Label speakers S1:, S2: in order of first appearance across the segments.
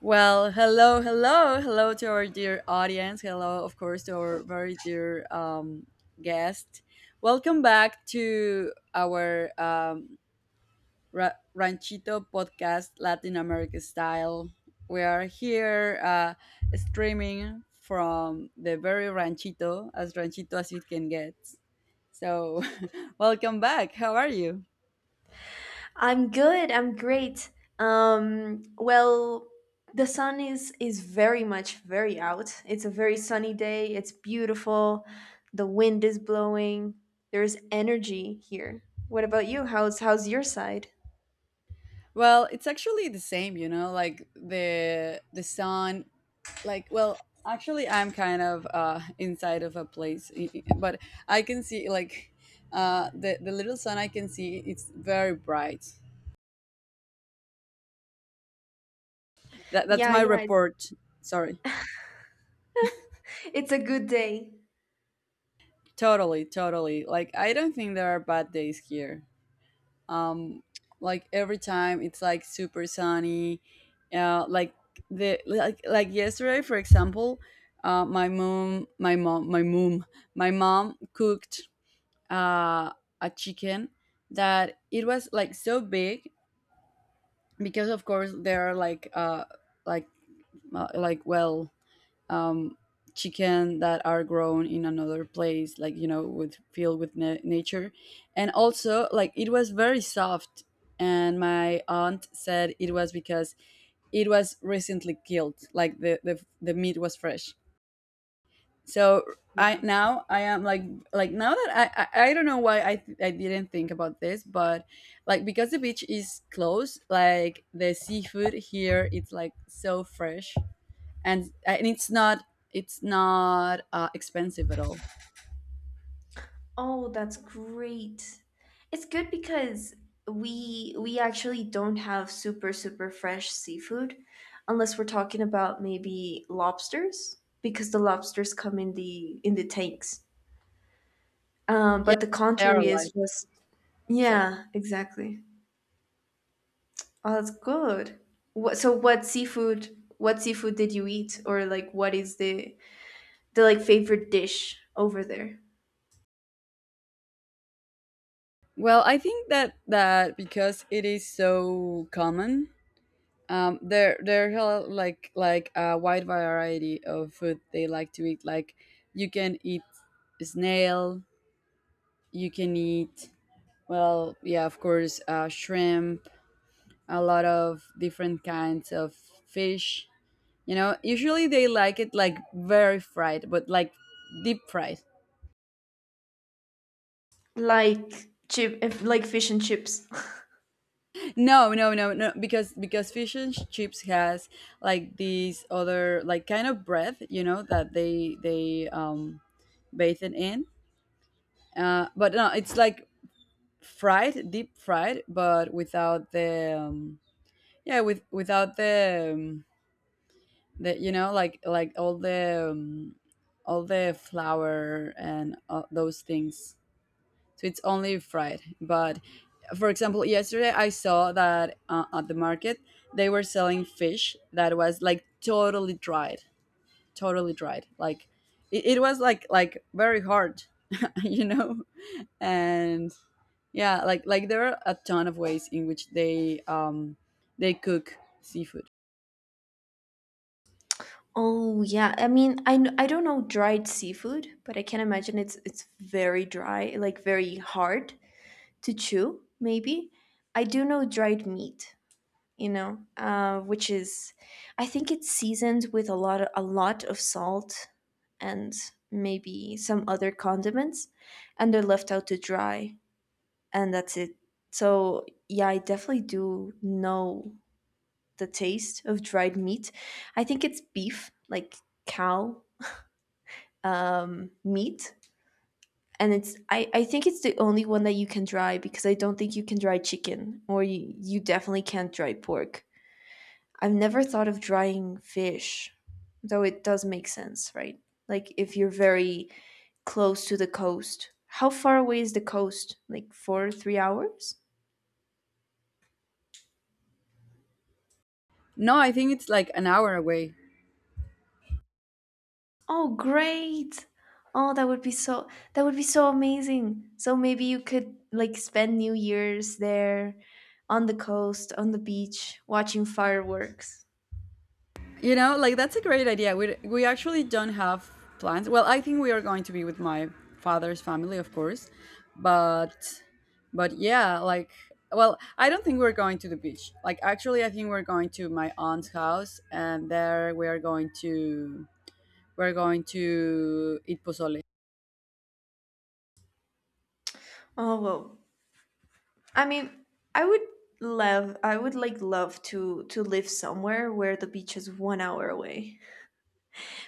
S1: Well, hello, hello, hello to our dear audience. Hello, of course, to our very dear guest. Welcome back to our Ranchito podcast, Latin America style. We are here streaming from the very Ranchito as it can get. So, welcome back. How are you?
S2: I'm good. I'm great. Um, well, the sun is very much very out. It's a very sunny day. It's beautiful. The wind is blowing. There's energy here. What about you? How's your side?
S1: Well, it's actually the same, like the sun like well, actually I'm kind of inside of a place, but I can see like the little sun I can see it's very bright. That's
S2: Yeah,
S1: my
S2: yeah, It's,
S1: report. Sorry.
S2: it's a good day.
S1: Totally, totally. Like I don't think there are bad days here. um like every time it's like super sunny like the like yesterday for example uh my mom my mom my mom my mom cooked uh a chicken that it was like so big because of course there are like like well um, chicken that are grown in another place, like with filled with nature, and also like it was very soft. And my aunt said it was because it was recently killed, like the meat was fresh. So I now I am like now that I don't know why I didn't think about this, but like because the beach is close, like the seafood here it's like so fresh and it's not expensive at all.
S2: Oh, that's great. It's good because we actually don't have super super fresh seafood unless we're talking about maybe lobsters because the lobsters come in the tanks.
S1: Yeah,
S2: But the
S1: they are
S2: contrary
S1: alive.
S2: is just
S1: Sorry.
S2: yeah, exactly. Oh, that's good. What so what seafood did you eat, or like what is the like favorite dish over there?
S1: Well, I think that because it is so common, there are like a wide variety of food they like to eat. Like you can eat snail, you can eat well, yeah, of course, shrimp, a lot of different kinds of fish. You know, usually they like it like very fried, but like deep fried.
S2: Like chip like fish and chips.
S1: No, no, no, no, because fish and chips has like these other like kind of bread, you know, that they bathe it in. But no, it's like fried, deep fried, but without the yeah, without the the like all the flour and all those things. So it's only fried but for example yesterday I saw that at the market they were selling fish that was like totally dried like it was like very hard you know and yeah like there are a ton of ways in which they cook seafood.
S2: Oh yeah, I mean, I don't know dried seafood, but I can imagine it's very dry, like very hard to chew. Maybe I do know dried meat, you know, which is, I think it's seasoned with a lot of salt and maybe some other condiments, and they're left out to dry, and that's it. So yeah, I definitely do know the taste of dried meat. I think it's beef, like cow meat, and I think it's the only one that you can dry because I don't think you can dry chicken, or you definitely can't dry pork. I've never thought of drying fish, though it does make sense, right? Like if you're very close to the coast. How far away is the coast? Like 4 3 hours?
S1: No, I think it's like an hour away.
S2: Oh great. oh that would be so that would be so amazing. So maybe you could like spend New Year's there, on the coast, on the beach, watching fireworks.
S1: You know, like that's a great idea. We actually don't have plans. Well, I think we are going to be with my father's family, of course, but but yeah, like well, I don't think we're going to the beach. Like actually, I think we're going to my aunt's house, and there we're going to eat pozole.
S2: Oh well, I mean, I would love, I would like love to live somewhere where the beach is 1 hour away,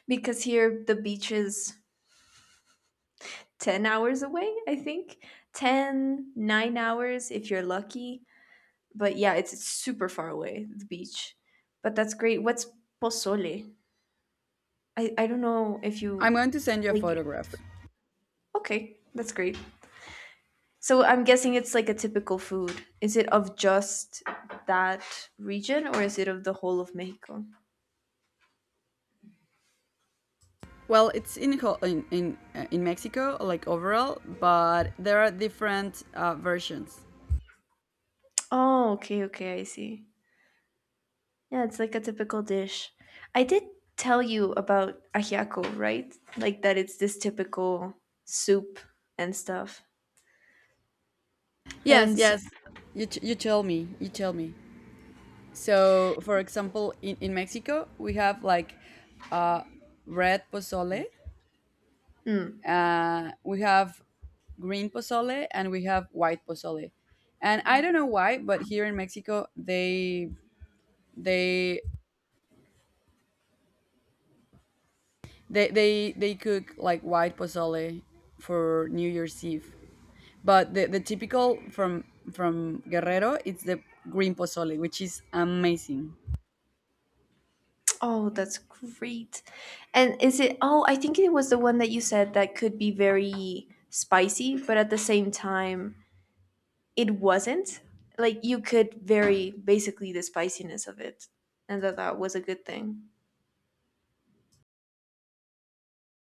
S2: because here the beach is 10 hours away. I think 10 9 hours if you're lucky. But yeah, it's super far away the beach. But that's great. What's pozole? I don't know if
S1: I'm
S2: you
S1: going to send you a
S2: like it.
S1: photograph.
S2: Okay, that's great. So I'm guessing it's like a typical food. Is it of just that region, or is it of the whole of Mexico?
S1: Well, it's in in Mexico, like overall, but there are different versions.
S2: Oh, okay, okay, I see. Yeah, it's like a typical dish. I did tell you about ajiaco, right? Like that it's this typical soup and stuff.
S1: Yes,
S2: And
S1: yes. You tell me. You tell me. So, for example, in Mexico, we have like red pozole,
S2: mm,
S1: we have green pozole, and we have white pozole. And I don't know why, but here in Mexico, they they cook like white pozole for New Year's Eve. But the typical from Guerrero, it's the green pozole, which is amazing.
S2: oh, that's great. And is it, oh, I think it was the one that you said that could be very spicy, but at the same time it wasn't, like you could vary basically the spiciness of it, and that that was a good thing.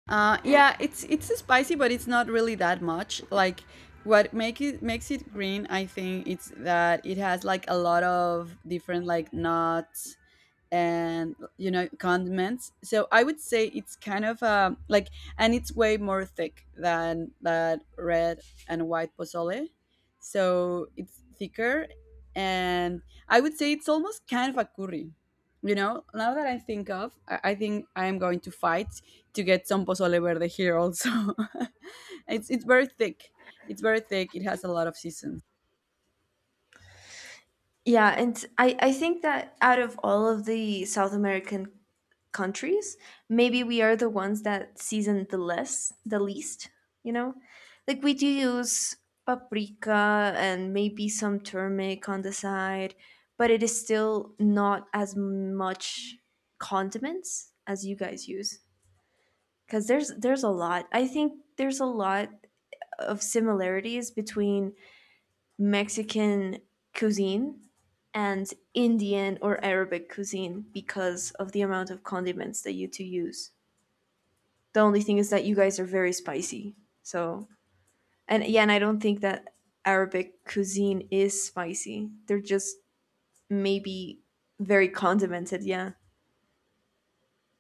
S1: Yeah, it's spicy, but it's not really that much. Like what makes it green, I think it's that it has like a lot of different like nuts and condiments so I would say it's kind of like and it's way more thick than that red and white pozole so it's thicker and I would say it's almost kind of a curry now that I think of I think I am going to fight to get some pozole verde here also. It's very thick. It's very thick. It has a lot of seasons.
S2: Yeah, and I think that out of all of the South American countries, maybe we are the ones that season the less, the least, you know, like we do use paprika and maybe some turmeric on the side, but it is still not as much condiments as you guys use, because there's a lot, I think there's a lot of similarities between Mexican cuisine and Indian or Arabic cuisine because of the amount of condiments that you two use. The only thing is that you guys are very spicy. So, and yeah, and I don't think that Arabic cuisine is spicy. They're just maybe very condimented, yeah.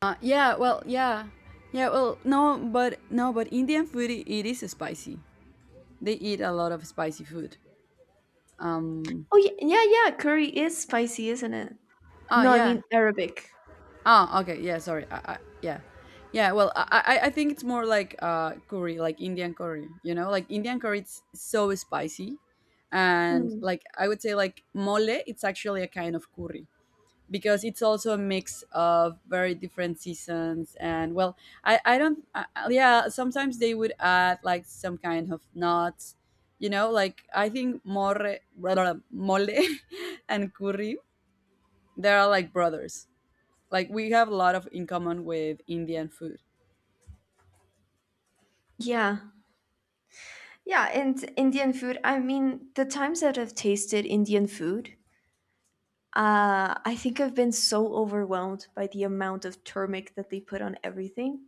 S1: Yeah, well, yeah. Yeah, well, no, but no, but Indian food it is spicy. They eat a lot of spicy food. Um
S2: Oh, yeah, yeah, yeah. Curry is spicy, isn't it?
S1: Oh,
S2: No, I
S1: yeah.
S2: mean Arabic.
S1: Oh, okay. Yeah, sorry. Yeah. Yeah, well, I think it's more like curry, like Indian curry, you know? Like Indian curry it's so spicy. And
S2: Hmm.
S1: like I would say like mole, it's actually a kind of curry. Because it's also a mix of very different seasons and well I don't I- yeah sometimes they would add like some kind of nuts like I think more mole and curry they are like brothers like we have a lot of in common with Indian food.
S2: Yeah. Yeah, and Indian food, I mean, the times that I've tasted Indian food, I think I've been so overwhelmed by the amount of turmeric that they put on everything.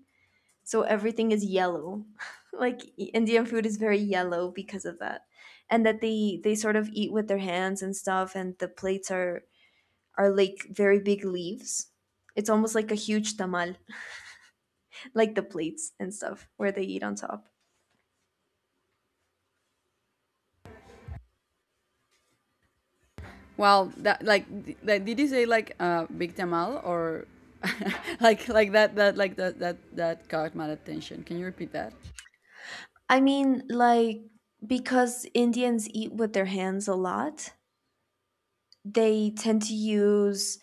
S2: So everything is yellow. Like Indian food is very yellow because of that. And that they sort of eat with their hands and stuff, and the plates are like very big leaves. It's almost like a huge tamal, like the plates and stuff where they eat on top.
S1: Well, that like like did you say like big tamal or that caught my attention. Can you repeat that?
S2: I mean, like, because Indians eat with their hands a lot, they tend to use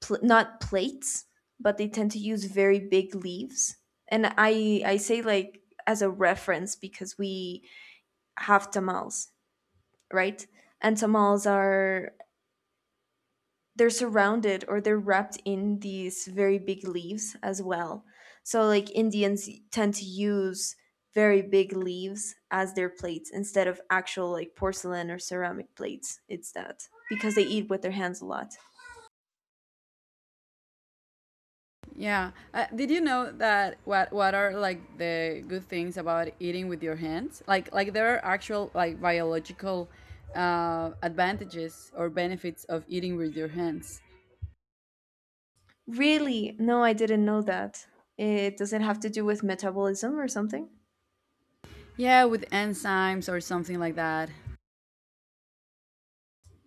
S2: not plates, but they tend to use very big leaves. And I say like as a reference because we have tamales, right? And tamales are they're surrounded, or they're wrapped in these very big leaves as well. So like Indians tend to use very big leaves as their plates instead of actual like porcelain or ceramic plates. It's that because they eat with their hands a lot.
S1: Yeah. Did you know that what are like the good things about eating with your hands? Like there are actual like biological advantages or benefits of eating with your hands.
S2: Really? No, I didn't know that. It does it have to do with metabolism or something?
S1: Yeah, with enzymes or something like that.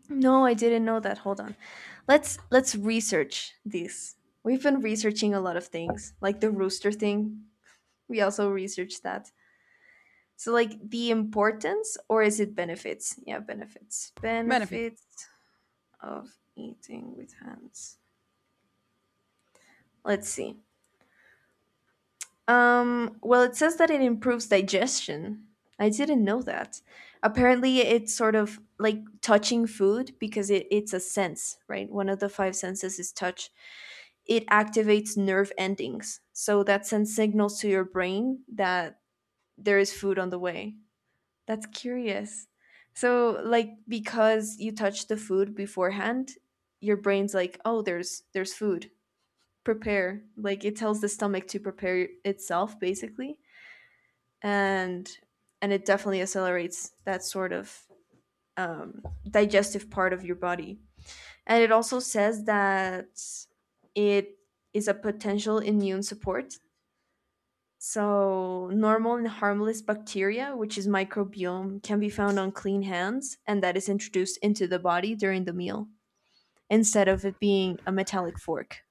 S2: No, I didn't know that. Hold on. Let's research this. We've been researching a lot of things, like the rooster thing. We also researched that. So like the importance, or is it benefits? Yeah, benefits.
S1: Benefits.
S2: Benefits of eating with hands. Let's see. Well it says that it improves digestion. I didn't know that. Apparently it's sort of like touching food because it's a sense, right? One of the 5 senses is touch. It activates nerve endings. So that sends signals to your brain that there is food on the way. That's curious. So, like, because you touch the food beforehand, your brain's like, "Oh, there's food. Prepare." Like, it tells the stomach to prepare itself, basically, and and it definitely accelerates that sort of um, digestive part of your body. And it also says that it is a potential immune support. So, normal and harmless bacteria, which is microbiome, can be found on clean hands, and that is introduced into the body during the meal instead of it being a metallic fork.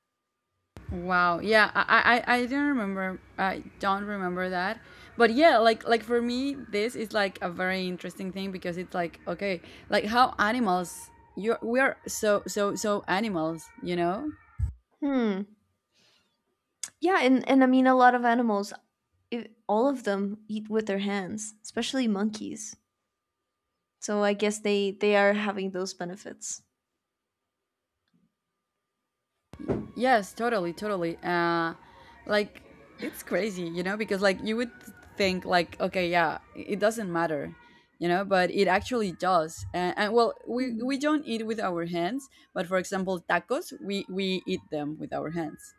S1: Wow. Yeah, I didn't remember. I don't remember that. But yeah, like for me, this is like a very interesting thing because it's like okay, like how animals you we are so so so animals, you know?
S2: Hmm. Yeah, and I mean, a lot of animals, I all of them eat with their hands, especially monkeys. So, I guess they are having those benefits.
S1: Yes, totally, totally. Like it's crazy, you know, because like you would think like okay, yeah, it doesn't matter, you know, but it actually does. And well, we
S2: Mhm.
S1: don't eat with our hands, but for example, tacos, we eat them with our hands.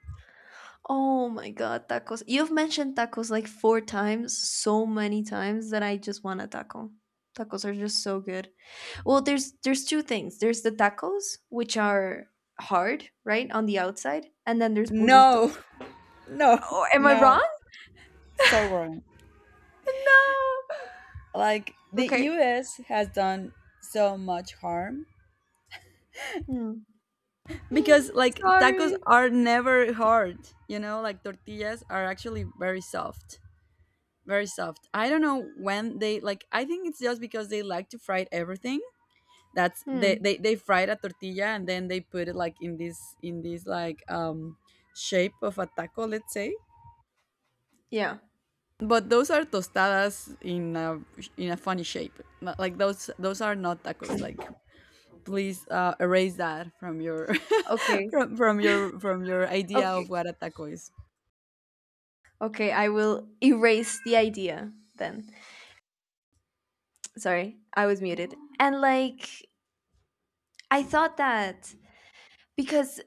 S2: Oh my god, tacos. You've mentioned tacos like 4 times, so many times that I just want a taco. Tacos are just so good. Well, there's two things. There's the tacos, which are hard, right, on the outside, and then there's
S1: No,
S2: burritos.
S1: no,
S2: Oh, am I
S1: no.
S2: wrong?
S1: So wrong.
S2: No.
S1: Like the
S2: Okay.
S1: US has done so much harm
S2: Hmm.
S1: because like tacos
S2: Sorry.
S1: are never hard, like tortillas are actually very soft. Very soft. I don't know when they like I think it's just because they like to fry everything. That's they they,
S2: Hmm.
S1: they fried a tortilla and then they put it like in this like shape of a taco, let's say.
S2: Yeah.
S1: But those are tostadas in a funny shape. Like those are not tacos. Like please erase that from your
S2: Okay.
S1: from your idea
S2: Okay.
S1: of what a taco is.
S2: Okay. I will erase the idea then. Sorry, I was muted. And like, I thought that because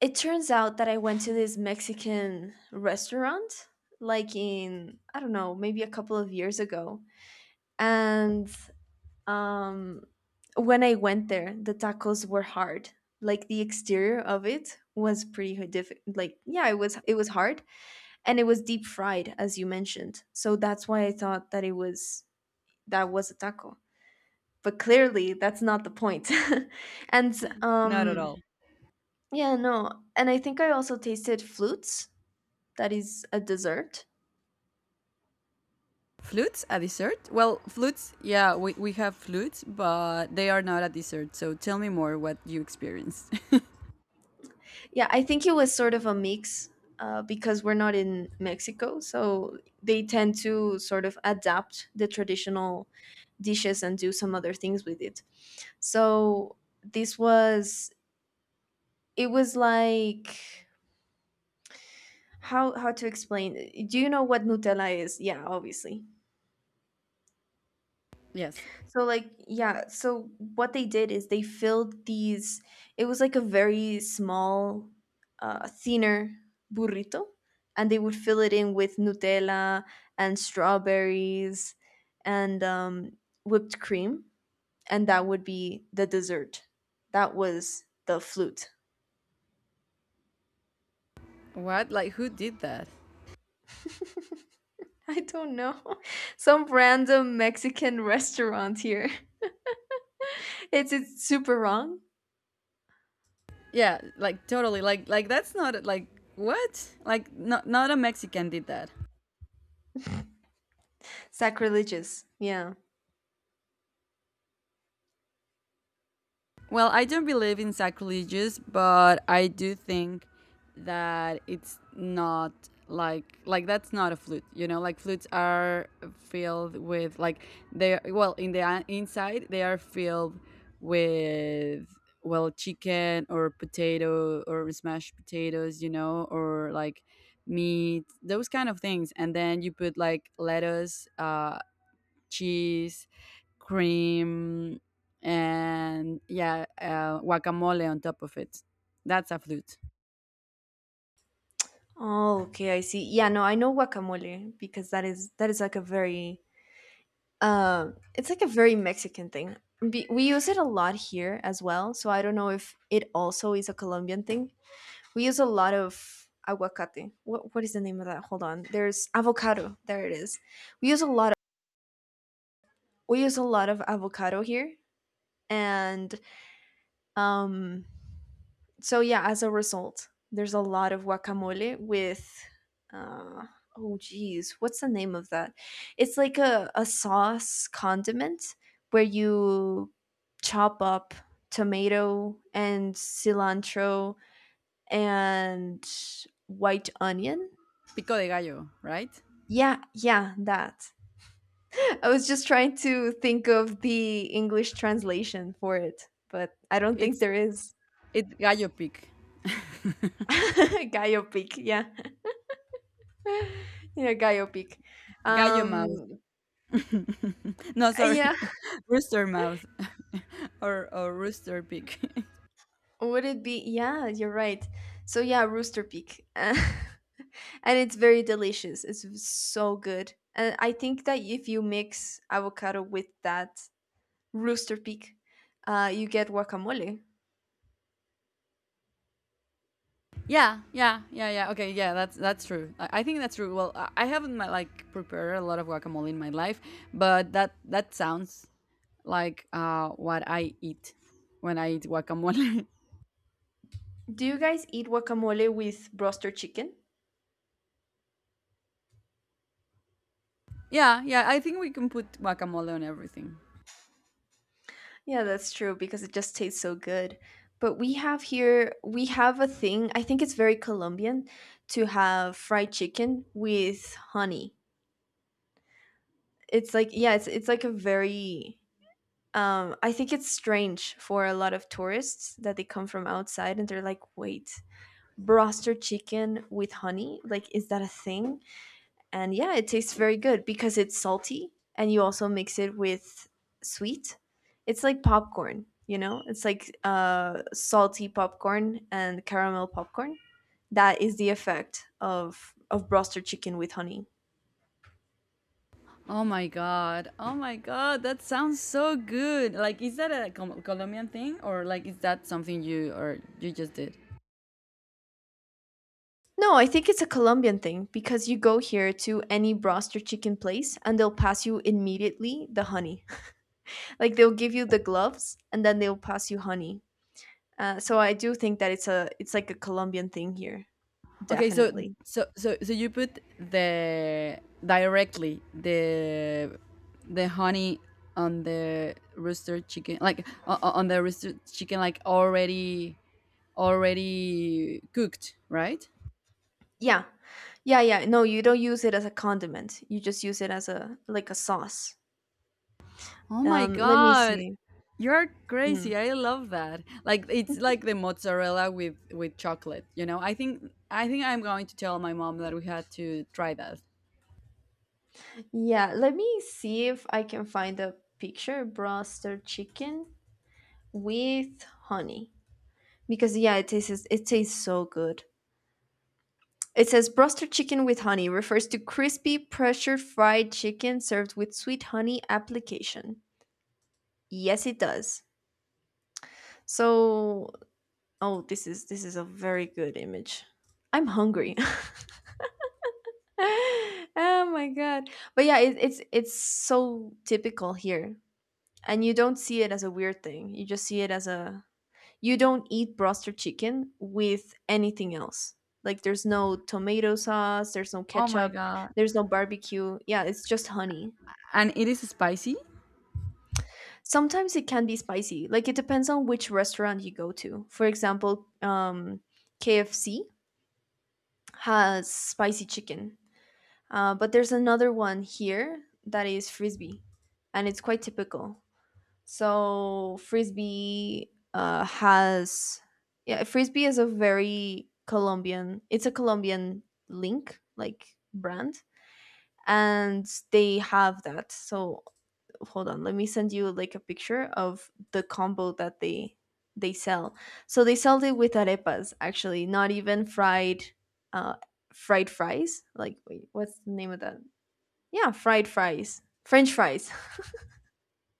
S2: it turns out that I went to this Mexican restaurant like in I don't know, maybe a couple of years ago. And um, when I went there, the tacos were hard. Like the exterior of it was pretty difficult. Like yeah, it was hard, and it was deep fried, as you mentioned. So that's why I thought that it was that was a taco. But clearly, that's not the point. and
S1: Not at
S2: um,
S1: all.
S2: yeah, no. And I think I also tasted flutes. That is a dessert.
S1: Flutes a dessert? Well, flutes, yeah, we have flutes, but they are not a dessert. So tell me more what you experienced.
S2: Yeah, I think it was sort of a mix, because we're not in Mexico, so they tend to sort of adapt the traditional dishes and do some other things with it. So this was, it was like, how to explain? Do you know what Nutella is? Yeah, obviously.
S1: yes.
S2: So like yeah, so what they did is they filled these, it was like a very small thinner burrito, and they would fill it in with Nutella and strawberries and whipped cream, and that would be the dessert. That was the flute.
S1: What? Like who did that?
S2: I don't know. Some random Mexican restaurant here. It's super wrong.
S1: Yeah, like totally. Like that's not like what? Like not a Mexican did that.
S2: Sacrilegious. Yeah.
S1: Well, I don't believe in sacrilegious, but I do think that it's not like that's not a flute. You know, like flutes are filled with like they well in the inside they are filled with well chicken or potato or smashed potatoes. You know, or like meat those kind of things and then you put like lettuce cheese, cream, and yeah, guacamole on top of it. That's a flute.
S2: Oh, okay, I see. Yeah, no, I know guacamole because that is, that is like a very it's like a very Mexican thing. We use it a lot here as well, so I don't know if it also is a Colombian thing. We use a lot of aguacate. What is the name of that? Hold on. There's avocado. There it is. We use a lot of, we use a lot of avocado here, and um so yeah, as a result, there's a lot of guacamole with uh oh geez, what's the name of that? It's like a sauce condiment where you chop up tomato and cilantro and white onion.
S1: Pico de gallo, right?
S2: Yeah, yeah, that. I was just trying to think of the English translation for it, but I don't think
S1: It's
S2: there is.
S1: it's gallo pic,
S2: Gallo pic, yeah. Yeah, biopic.
S1: gallo mouth.
S2: Um,
S1: no,
S2: yeah,
S1: sorry, rooster mouth, or rooster pic.
S2: would it be? Yeah, you're right. So yeah, rooster peak, and it's very delicious. It's so good, and I think that if you mix avocado with that rooster peak, you get guacamole.
S1: Yeah, yeah, yeah, yeah. Okay, yeah, that's true. I think that's true. Well, I haven't like prepared a lot of guacamole in my life, but that sounds like what I eat when I eat guacamole.
S2: Do you guys eat guacamole with roaster chicken?
S1: yeah, yeah, I think we can put guacamole on everything.
S2: Yeah, that's true because it just tastes so good. But we have here, we have a thing. I think it's very Colombian to have fried chicken with honey. It's like, yeah, it's like a very I think it's strange for a lot of tourists that they come from outside and they're like, wait, broster chicken with honey, like is that a thing? And yeah, it tastes very good because it's salty and you also mix it with sweet. It's like popcorn, it's like salty popcorn and caramel popcorn. That is the effect of broster chicken with honey.
S1: Oh my god! Oh my god! That sounds so good. Like, is that a Colombian thing, or like, is that something you just did?
S2: No, I think it's a Colombian thing because you go here to any broster chicken place and they'll pass you immediately the honey. Like they'll give you the gloves and then they'll pass you honey. So I do think that it's a it's like a Colombian thing here,
S1: Okay, so
S2: definitely.
S1: so so so you put the directly the honey on the rooster chicken, like on the rooster chicken, like already cooked, right?
S2: Yeah. Yeah, yeah. No, you don't use it as a condiment. You just use it as a like a sauce.
S1: Oh my
S2: Let me
S1: god.
S2: see.
S1: You're
S2: Mm.
S1: crazy. I love that. Like it's like the mozzarella with chocolate, you know? I think I'm going to tell my mom that we had to try that.
S2: Yeah, let me see if I can find a picture broster chicken with honey. Because yeah, it tastes so good. It says broster chicken with honey refers to crispy pressure fried chicken served with sweet honey application. Yes, it does. So, oh, this is a very good image. I'm hungry. Oh my god. But yeah, it's so typical here. And you don't see it as a weird thing. You just see it as a you don't eat broster chicken with anything else. Like there's no tomato sauce, there's no
S1: Oh my
S2: ketchup,
S1: god.
S2: there's no barbecue. Yeah, it's just honey.
S1: And it is spicy?
S2: Sometimes it can be spicy. Like it depends on which restaurant you go to. For example, KFC has spicy chicken, but there's another one here that is frisbee, and it's quite typical. So frisbee has yeah, frisbee is a very Colombian. It's a Colombian link like brand, and they have that. So hold on, let me send you like a picture of the combo that they sell. So they sell it with arepas actually, not even fried uh fried fries. Like wait, what's the name of that? Yeah, fried fries. French fries.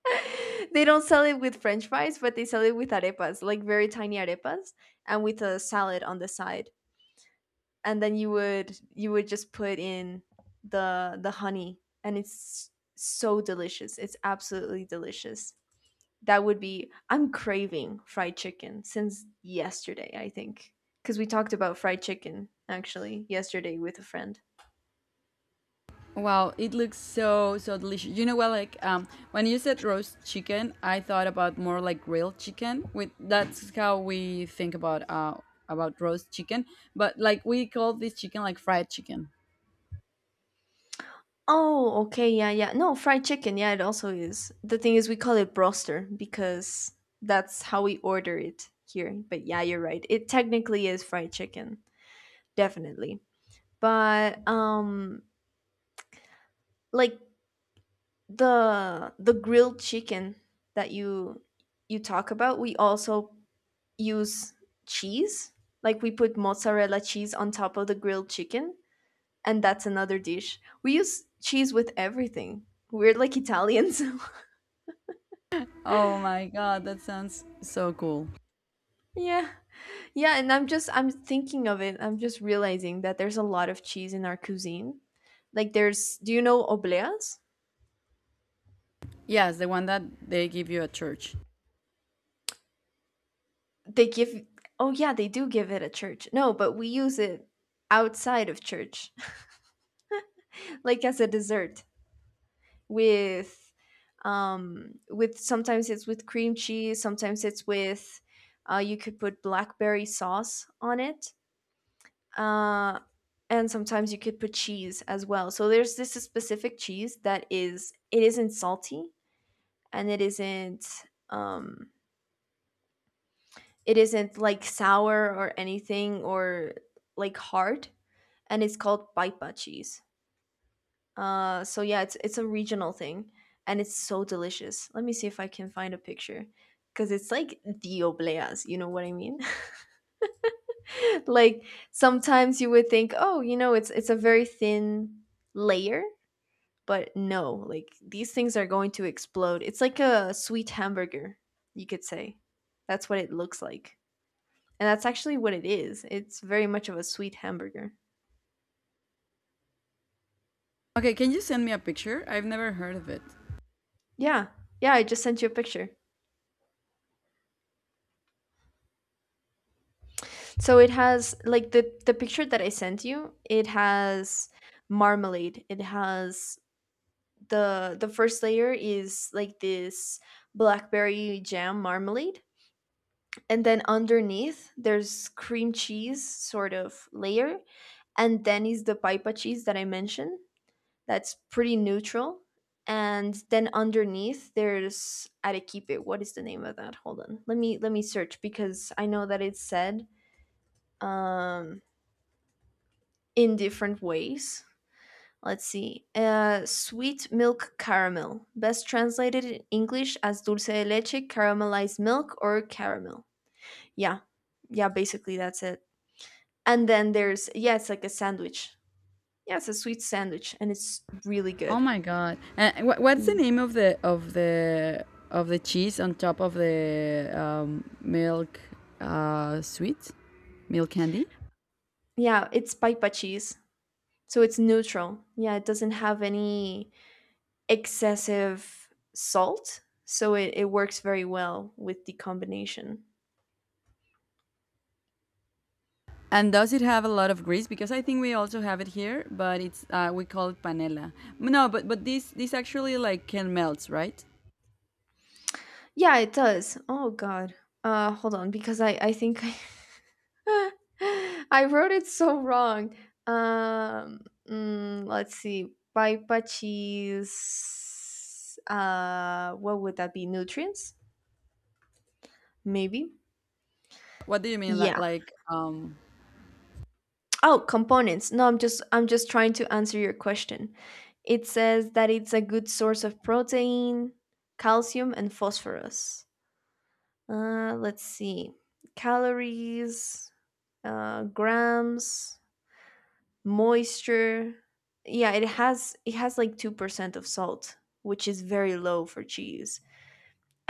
S2: They don't sell it with french fries but they sell it with arepas, like very tiny arepas and with a salad on the side. And then you would just put in the honey and it's so delicious, it's absolutely delicious. That would be I'm craving fried chicken since yesterday, I think, because we talked about fried chicken actually yesterday with a friend.
S1: Wow, it looks so so delicious. You know what like when you said roast chicken, I thought about more like grilled chicken. With That's how we think about roast chicken, but like we call this chicken like fried chicken.
S2: Oh, okay, yeah, yeah. No, fried chicken, yeah, it also is. The thing is we call it broster because that's how we order it here. But yeah, you're right. It technically is fried chicken, definitely. But like the grilled chicken that you talk about, we also use cheese. Like we put mozzarella cheese on top of the grilled chicken, and that's another dish. We use cheese with everything. We're like Italians.
S1: Oh my god, that sounds so cool.
S2: Yeah. Yeah, and I'm thinking of it. I'm just realizing that there's a lot of cheese in our cuisine. Like there's do you know obleas?
S1: Yes, the one that they give you at church.
S2: They give Oh yeah, they do give it at church. No, but we use it outside of church, like as a dessert with with sometimes it's with cream cheese, sometimes it's with you could put blackberry sauce on it. Uh and sometimes you could put cheese as well. So there's this specific cheese that is it isn't salty and um it isn't like sour or anything or like hard, and it's called baipa cheese. So yeah, it's a regional thing and it's so delicious. Let me see if I can find a picture because it's like the obleas, you know what I mean? Like sometimes you would think, "Oh, you know, it's a very thin layer." But no, like these things are going to explode. It's like a sweet hamburger, you could say. That's what it looks like. And that's actually what it is. It's very much of a sweet hamburger.
S1: Okay, can you send me a picture? I've never heard of it.
S2: Yeah. Yeah, I just sent you a picture. So it has like the picture that I sent you, it has marmalade. It has the first layer is like this blackberry jam marmalade, and then underneath there's cream cheese sort of layer, and then is the pipa cheese that I mentioned that's pretty neutral. And then underneath there's Arequipe. What is the name of that? Hold on. Let me search because I know that it's said um, in different ways. Let's see. Sweet milk caramel, best translated in English as dulce de leche, caramelized milk, or caramel. Yeah, yeah, basically that's it. And then there's yeah, it's like a sandwich. Yeah, it's a sweet sandwich, and it's really
S1: Oh
S2: good.
S1: my god! What's the
S2: Mm.
S1: name of the of the cheese on top of the milk sweet milk candy?
S2: Yeah, it's paipa cheese. So it's neutral. Yeah, it doesn't have any excessive salt. So it works very well with the combination.
S1: And does it have a lot of grease? Because I think we also have it here, but it's we call it panela. No, but this actually like can melt, right?
S2: Yeah, it does. Oh, God. Hold on, because I I wrote it so wrong. Um, mm, let's see. Paipa cheese. What would that be? Nutrients? Maybe.
S1: What do you mean?
S2: Yeah, oh, components. No, I'm just trying to answer your question. It says that it's a good source of protein, calcium, and phosphorus. Let's see. Calories, grams, moisture. Yeah, it has like 2% of salt, which is very low for cheese.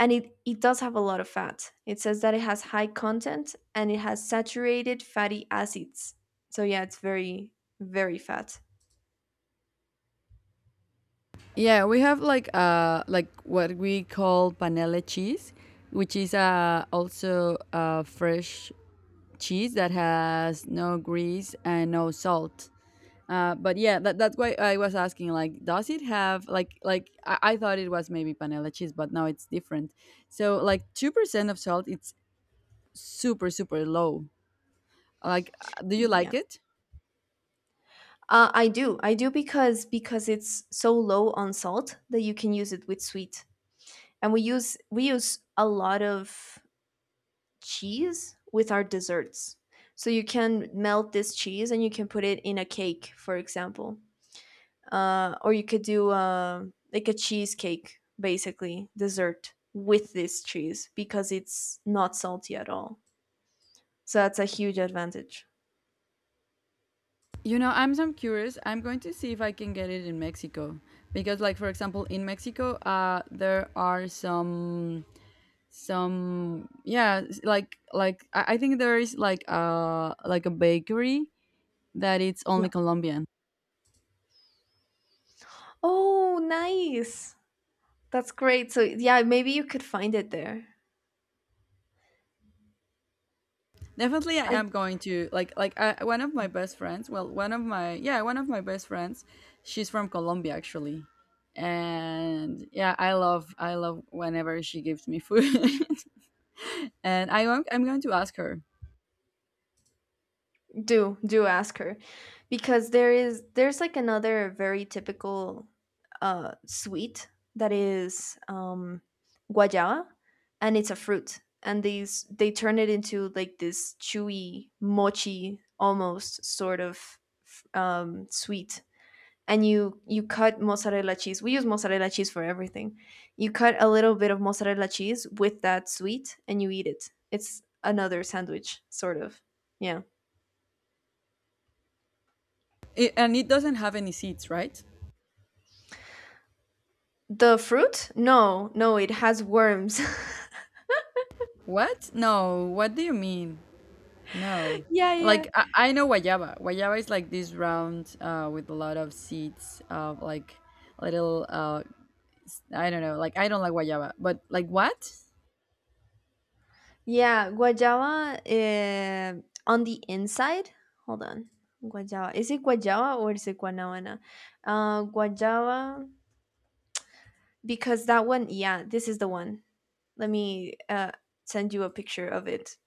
S2: And it does have a lot of fat. It says that it has high content and it has saturated fatty acids. So yeah, it's very fat.
S1: Yeah, we have like what we call panela cheese, which is also fresh cheese that has no grease and no salt. But yeah, that's why I was asking. Like, does it have like I thought it was maybe panela cheese, but now it's different. So like 2% of salt, it's super super low. Like, do you
S2: Yeah.
S1: like it?
S2: I do. I do because it's so low on salt that you can use it with sweet. And we use a lot of cheese with our desserts. So you can melt this cheese and you can put it in a cake, for example. Or you could do like a cheesecake, basically, dessert with this cheese because it's not salty at all. So that's a huge advantage.
S1: You know, I'm so curious. I'm going to see if I can get it in Mexico because, like, for example, in Mexico, there are some like like I think there is like a bakery that it's
S2: Yeah.
S1: only Colombian.
S2: Oh, nice. That's great. So yeah, maybe you could find it there.
S1: Definitely, I
S2: I
S1: am going to one of my best friends. Well, one of my best friends. She's from Colombia actually, and yeah, I love whenever she gives me food, and I'm going to ask her.
S2: do ask her because there is there's like another very typical sweet that is guayaba, and it's a fruit, and these they turn it into like this chewy mochi almost sort of sweet. And you cut mozzarella cheese. We use mozzarella cheese for everything. You cut a little bit of mozzarella cheese with that sweet and you eat it. It's another sandwich sort of. Yeah.
S1: And it doesn't have any seeds, right?
S2: The fruit? No, no, it has worms.
S1: What? No. What do you mean? No.
S2: Yeah, yeah.
S1: Like I know guayaba. Guayaba is like this round with a lot of seeds of like little. I don't know. Like I don't like guayaba, but like what?
S2: Yeah, guayaba on the inside. Hold on. Guayaba. Is it guayaba or is it guanabana? Uh, guayaba, because that one, yeah, this is the one. Let me send you a picture of it.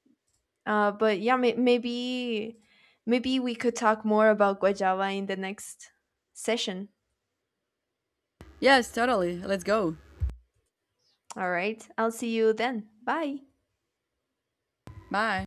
S2: But yeah, maybe we could talk more about guajava in the next session.
S1: Yes, totally. Let's go.
S2: All right, I'll see you then. Bye.
S1: Bye.